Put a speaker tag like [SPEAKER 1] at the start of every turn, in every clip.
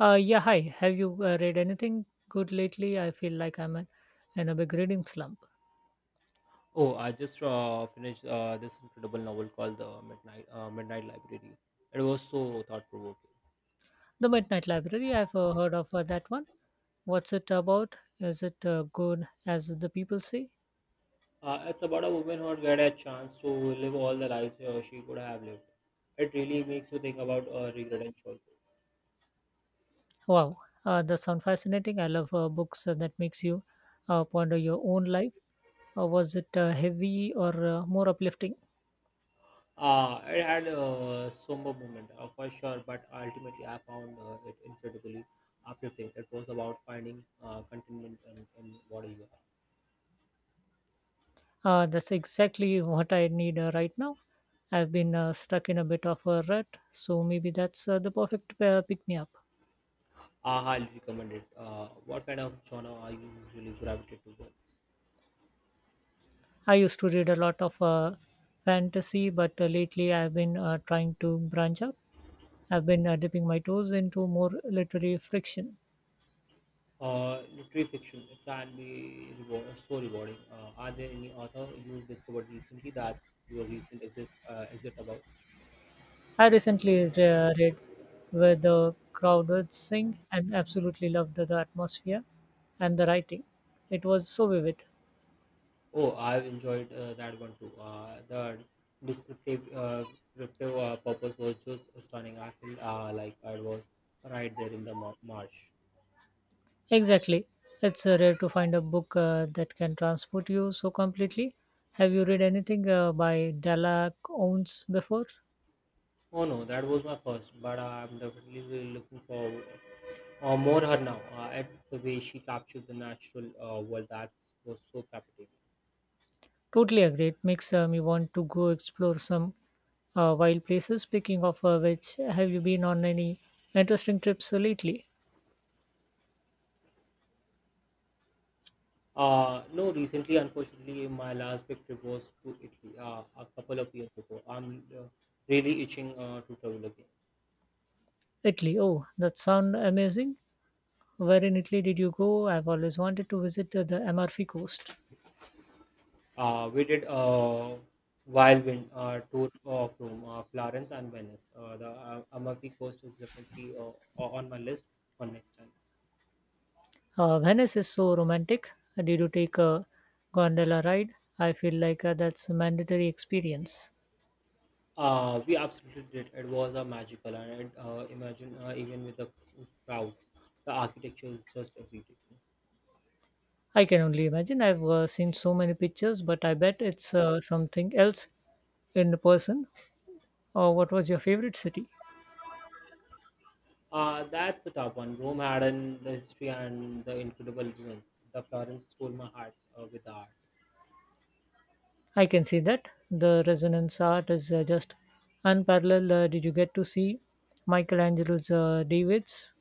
[SPEAKER 1] Yeah, hi. Have you read anything good lately? I feel like I'm in a big reading slump.
[SPEAKER 2] Oh, I just finished this incredible novel called The Midnight Library. It was so thought provoking.
[SPEAKER 1] The Midnight Library, I've heard of that one. What's it about? Is it good as the people say?
[SPEAKER 2] It's about a woman who had a chance to live all the lives she could have lived. It really makes you think about regret and choices.
[SPEAKER 1] Wow, that sounds fascinating. I love books that makes you ponder your own life. Was it heavy or more uplifting?
[SPEAKER 2] It had a somber moment for sure, but ultimately I found it incredibly uplifting. It was about finding contentment in what you are.
[SPEAKER 1] That's exactly what I need right now. I've been stuck in a bit of a rut, so maybe that's the perfect pick me up.
[SPEAKER 2] I highly recommend it. What kind of genre are you usually gravitate towards?
[SPEAKER 1] I used to read a lot of fantasy, but lately I've been trying to branch out. I've been dipping my toes into more literary fiction.
[SPEAKER 2] Literary fiction it can be reward, so rewarding. Are there any author you discovered recently that your recent exist exit about?
[SPEAKER 1] I recently read Where the Crowd Sing and absolutely loved the atmosphere and the writing. It was so vivid.
[SPEAKER 2] Oh, I've enjoyed that one too. The descriptive uh, descriptive purpose was just stunning. I felt like I was right there in the marsh.
[SPEAKER 1] Exactly. It's rare to find a book that can transport you so completely. Have you read anything by Dalla Owens before?
[SPEAKER 2] Oh no, that was my first, but I'm definitely really looking forward more her now. It's the way she captured the natural world that was so captivating.
[SPEAKER 1] Totally agree. It makes you want to go explore some wild places. Speaking of which, have you been on any interesting trips lately?
[SPEAKER 2] No, recently, unfortunately, my last big trip was to Italy a couple of years ago. I'm really itching to travel again.
[SPEAKER 1] Italy. Oh, that sounds amazing. Where in Italy did you go? I've always wanted to visit the Amalfi Coast.
[SPEAKER 2] We did a wild wind tour of Rome, Florence, and Venice. The Amalfi Coast is definitely on my list for next time.
[SPEAKER 1] Venice is so romantic. Did you take a gondola ride? I feel like that's a mandatory experience.
[SPEAKER 2] We absolutely did. It was a magical, and it, imagine even with the crowds, the architecture is just everything.
[SPEAKER 1] I can only imagine. I've seen so many pictures, but I bet it's something else in person. What was your favorite city?
[SPEAKER 2] That's the top one. Rome had an the history and the incredible ruins. The Florence stole my heart with the art.
[SPEAKER 1] I can see that. The resonance art is just unparalleled. Did you get to see Michelangelo's Davids?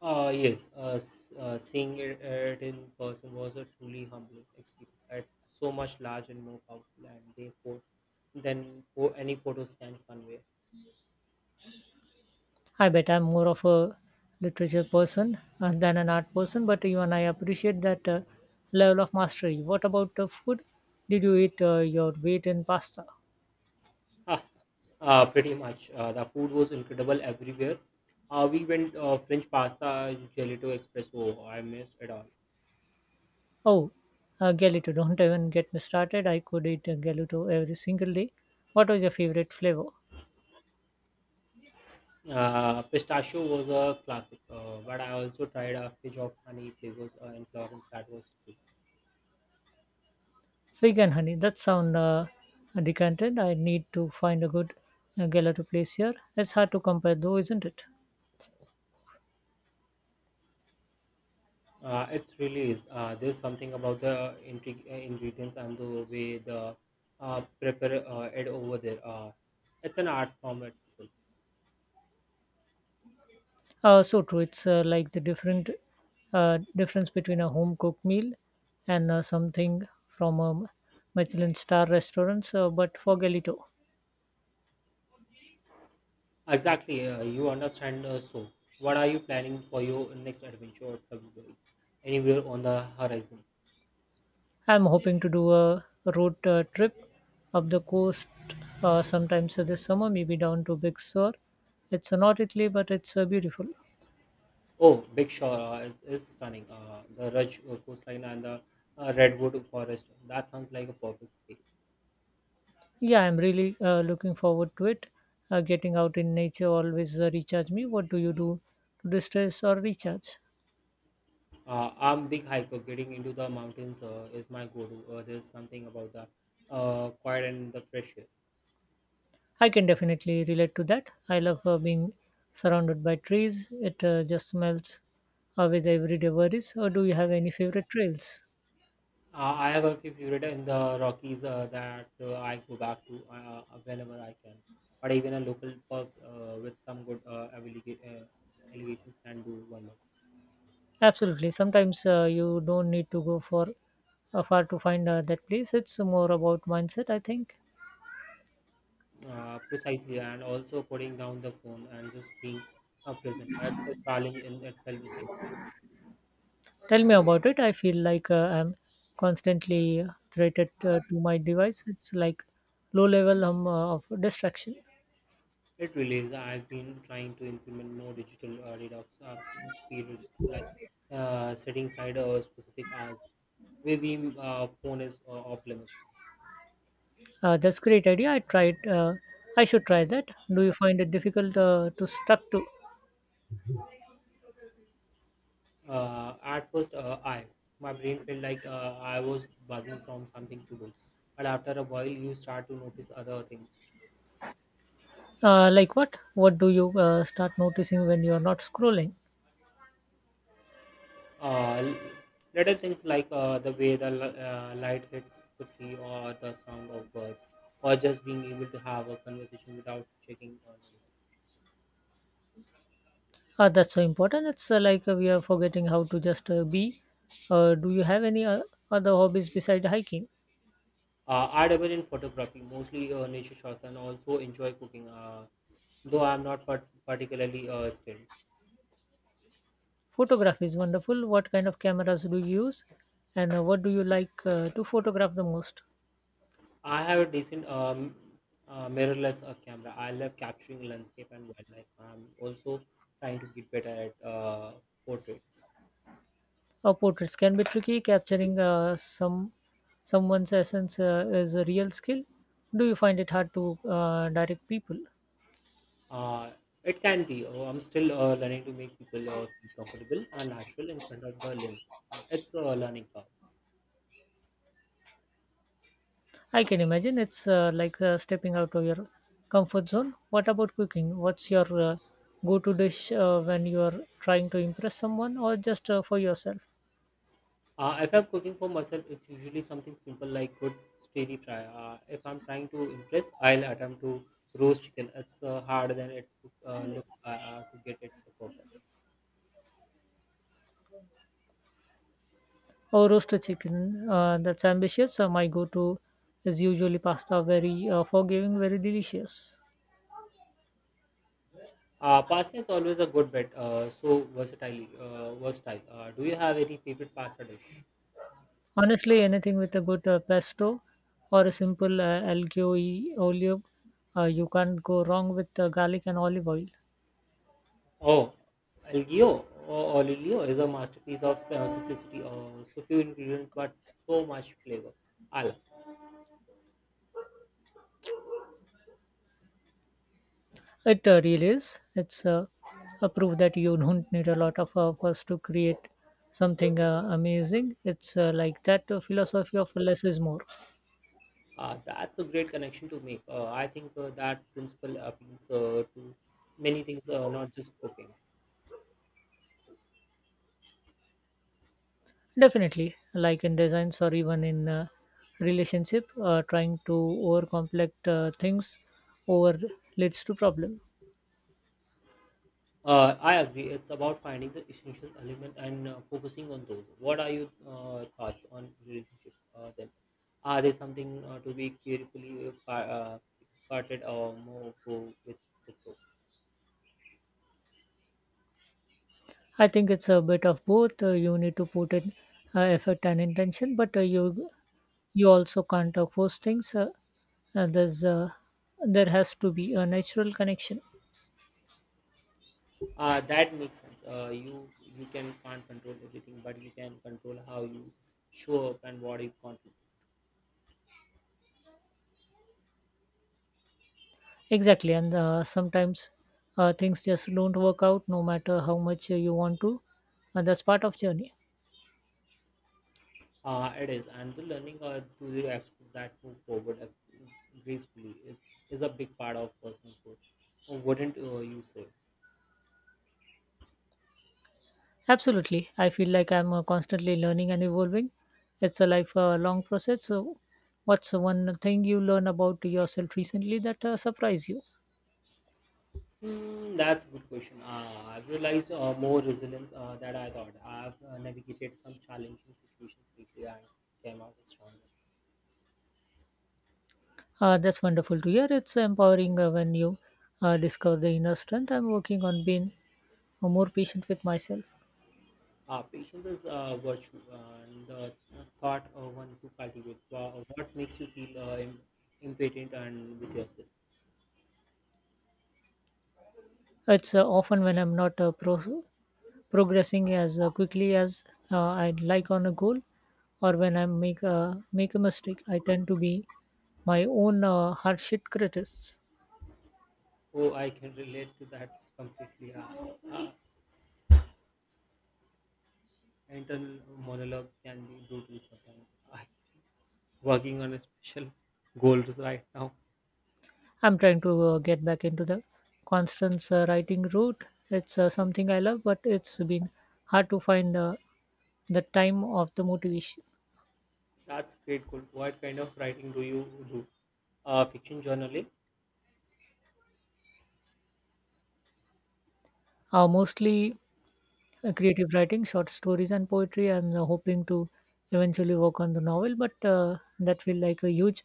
[SPEAKER 2] Yes, seeing it in person was a truly humbling experience. At so much large and more powerful, and therefore, than for any photos can convey.
[SPEAKER 1] I bet I'm more of a literature person than an art person, but even I appreciate that level of mastery. What about food? Did you eat your weight in pasta?
[SPEAKER 2] Ah, pretty much. The food was incredible everywhere. We went French pasta, gelato espresso. I missed it all.
[SPEAKER 1] Oh, Galito, don't even get me started. I could eat Galito every single day. What was your favorite flavor?
[SPEAKER 2] Pistachio was a classic, but I also tried a fish of honey flavors in Florence that was too.
[SPEAKER 1] Vegan honey. That sound decanted. I need to find a good gala to place here. It's hard to compare though, isn't it?
[SPEAKER 2] It really is. There's something about the ingredients and the way the prepare it over there. It's an art form itself.
[SPEAKER 1] So true. It's like the different difference between a home cooked meal and something from a Michelin star restaurants. But for Galito,
[SPEAKER 2] Exactly, you understand. So, what are you planning for your next adventure or travel goals? Anywhere on the horizon?
[SPEAKER 1] I'm hoping to do a road trip up the coast sometimes this summer, maybe down to Big Sur. It's not Italy, but it's beautiful.
[SPEAKER 2] Oh, Big Shore is stunning. The Raj coastline and the redwood forest. That sounds like a perfect escape.
[SPEAKER 1] Yeah, I'm really looking forward to it. Getting out in nature always recharge me. What do you do to distress or recharge?
[SPEAKER 2] I'm big hiker. Getting into the mountains is my go-to. There's something about the quiet and the fresh air.
[SPEAKER 1] I can definitely relate to that. I love being surrounded by trees. It just melts away the everyday worries. Or do you have any favorite trails?
[SPEAKER 2] I have a few favorite in the Rockies that I go back to whenever I can. But even a local pub with some good elevations can do wonders.
[SPEAKER 1] Absolutely. Sometimes you don't need to go for far to find that place. It's more about mindset, I think.
[SPEAKER 2] Precisely, and also putting down the phone and just being present. That's a challenge in itself these days.
[SPEAKER 1] Tell me about it. I feel like I'm constantly threatened to my device. It's like low level of distraction.
[SPEAKER 2] It really is. I've been trying to implement more digital detox periods, like setting aside a specific hours where we phone is off limits.
[SPEAKER 1] That's great idea. I tried. I should try that. Do you find it difficult to stuck to?
[SPEAKER 2] At first, I my brain felt like I was buzzing from something to do, but after a while, you start to notice other things.
[SPEAKER 1] Like what? What do you start noticing when you are not scrolling?
[SPEAKER 2] Uh, Little things like the way the light hits the tree or the sound of birds or just being able to have a conversation without checking on it.
[SPEAKER 1] That's so important. It's like we are forgetting how to just be. Do you have any other hobbies beside hiking?
[SPEAKER 2] I dabble in photography, mostly nature shots, and also enjoy cooking, though I'm not particularly skilled.
[SPEAKER 1] Photography is wonderful. What kind of cameras do you use? And what do you like to photograph the most?
[SPEAKER 2] I have a decent mirrorless camera. I love capturing landscape and wildlife. I'm also trying to get better at portraits.
[SPEAKER 1] Portraits can be tricky. Capturing someone's essence is a real skill. Do you find it hard to direct people?
[SPEAKER 2] Uh, it can be. Oh, I'm still learning to make people feel comfortable and natural in front of the lens. It's a learning curve.
[SPEAKER 1] I can imagine it's like stepping out of your comfort zone. What about cooking? What's your go-to dish when you are trying to impress someone or just for yourself?
[SPEAKER 2] If I'm cooking for myself, it's usually something simple like good steady fry. If I'm trying to impress, I'll attempt to roast chicken. It's harder than it's look to get it perfect.
[SPEAKER 1] Or roasted chicken, that's ambitious. My go-to is usually pasta, very forgiving, very delicious.
[SPEAKER 2] Pasta is always a good bet. So versatile. Versatile. Do you have any favorite pasta dish?
[SPEAKER 1] Honestly, anything with a good pesto or a simple algeo e olio, you can't go wrong with garlic and olive oil.
[SPEAKER 2] Oh, Elgio or Olilio is a masterpiece of simplicity. Oh, so few ingredients, but so much flavor. Al,
[SPEAKER 1] It really is. It's a proof that you don't need a lot of fuss to create something amazing. It's like that philosophy of less is more.
[SPEAKER 2] that's a great connection to make. I think that principle appeals to many things, not just cooking.
[SPEAKER 1] Definitely, like in designs or even in relationship, trying to overcomplicate things over leads to problem.
[SPEAKER 2] I agree. It's about finding the essential element and focusing on those. What are your thoughts on relationship? Then, are there something to be carefully carted or more go with the flow?
[SPEAKER 1] I think it's a bit of both. You need to put in effort and intention, but you also can't force things. There's there has to be a natural connection.
[SPEAKER 2] That makes sense. You you can't control everything, but you can control how you show up and what you contribute.
[SPEAKER 1] Exactly, and sometimes things just don't work out, no matter how much you want to. And that's part of journey.
[SPEAKER 2] It is, and the learning to the expert that move forward gracefully is a big part of personal growth. Wouldn't you say?
[SPEAKER 1] Absolutely. I feel like I'm constantly learning and evolving. It's a life long process. So, what's one thing you learn about yourself recently that surprised you?
[SPEAKER 2] Hmm, that's a good question. I've realized more resilience than I thought. I've navigated some challenging situations lately and came out stronger.
[SPEAKER 1] That's wonderful to hear. It's empowering when you discover the inner strength. I'm working on being more patient with myself.
[SPEAKER 2] Patience is a virtue and the thought one to cultivate. What makes you feel im- impotent and with yourself?
[SPEAKER 1] It's often when I'm not progressing as quickly as I'd like on a goal, or when I make a mistake. I tend to be my own harsh critic.
[SPEAKER 2] Oh, I can relate to that completely. Uh, Internal monologue can be brutal sometimes. I working on a special goals right now.
[SPEAKER 1] I'm trying to get back into the constant writing route. It's something I love, but it's been hard to find the time of the motivation.
[SPEAKER 2] That's great goal. What kind of writing do you do? Fiction journaling.
[SPEAKER 1] Mostly creative writing, short stories, and poetry. I'm hoping to eventually work on the novel, but that feels like a huge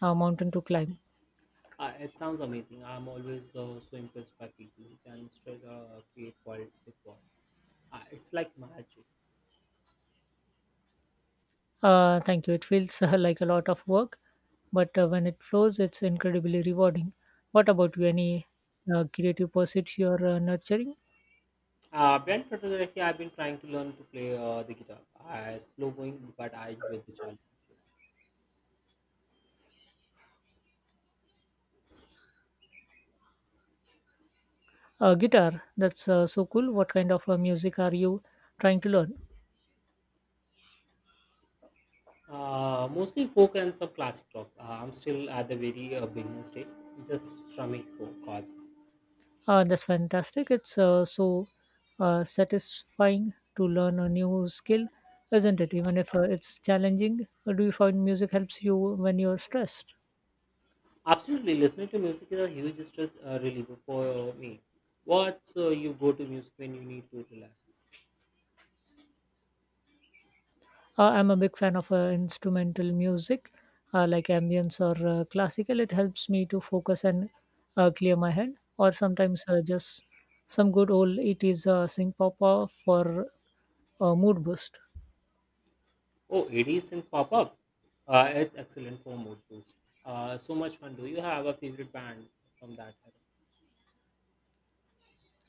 [SPEAKER 1] mountain to climb.
[SPEAKER 2] It sounds amazing. I'm always so impressed by people who can straight, create world with world. It's like magic.
[SPEAKER 1] Thank you. It feels like a lot of work, but when it flows, it's incredibly rewarding. What about you? Any creative pursuits you're nurturing?
[SPEAKER 2] Band photography, I've been trying to learn to play the guitar. I slow going, but I enjoy the challenge.
[SPEAKER 1] Guitar, that's so cool. What kind of music are you trying to learn?
[SPEAKER 2] Mostly folk and some classic rock. I'm still at the very beginner stage, just strumming chords.
[SPEAKER 1] That's fantastic. It's so satisfying to learn a new skill, isn't it? Even if it's challenging, do you find music helps you when you're stressed?
[SPEAKER 2] Absolutely, listening to music is a huge stress reliever for me. What's you go to music when you need to relax?
[SPEAKER 1] I'm a big fan of instrumental music, like ambience or classical. It helps me to focus and clear my head, or sometimes just some good old 80s synth pop for a mood boost.
[SPEAKER 2] Oh, ADs and pop up. It's excellent for mood boost. So much fun. Do you have a favorite band from that era?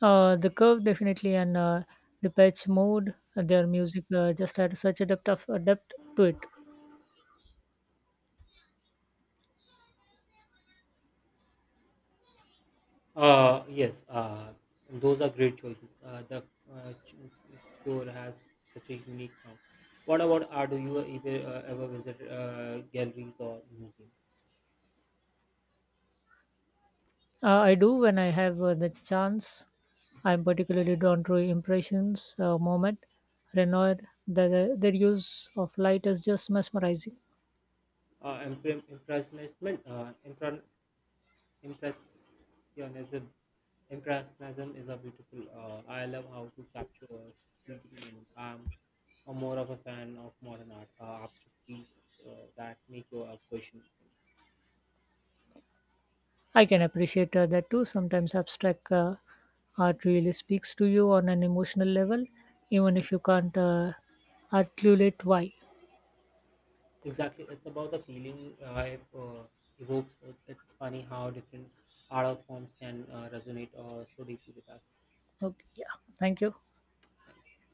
[SPEAKER 1] The curve definitely and the patch mode, their music just had such a depth of a depth to it.
[SPEAKER 2] Yes, those are great choices. The uh, ch- cure has such a unique sound. What about art? Do you ever, ever visit galleries or museums?
[SPEAKER 1] I do when I have the chance. I'm particularly drawn to impressions, moment, Renoir. Their use of light is just mesmerizing.
[SPEAKER 2] Impre- impressionism, impre- impressionism, impressionism is a beautiful. I love how to capture a fleeting moment. I'm a more of a fan of modern art, abstract piece that make you question things.
[SPEAKER 1] I can appreciate that too. Sometimes abstract art really speaks to you on an emotional level, even if you can't articulate why.
[SPEAKER 2] Exactly, it's about the feeling it evokes. It's funny how different art forms can resonate so deeply with us.
[SPEAKER 1] Okay, yeah. Thank you.
[SPEAKER 2] Thank you.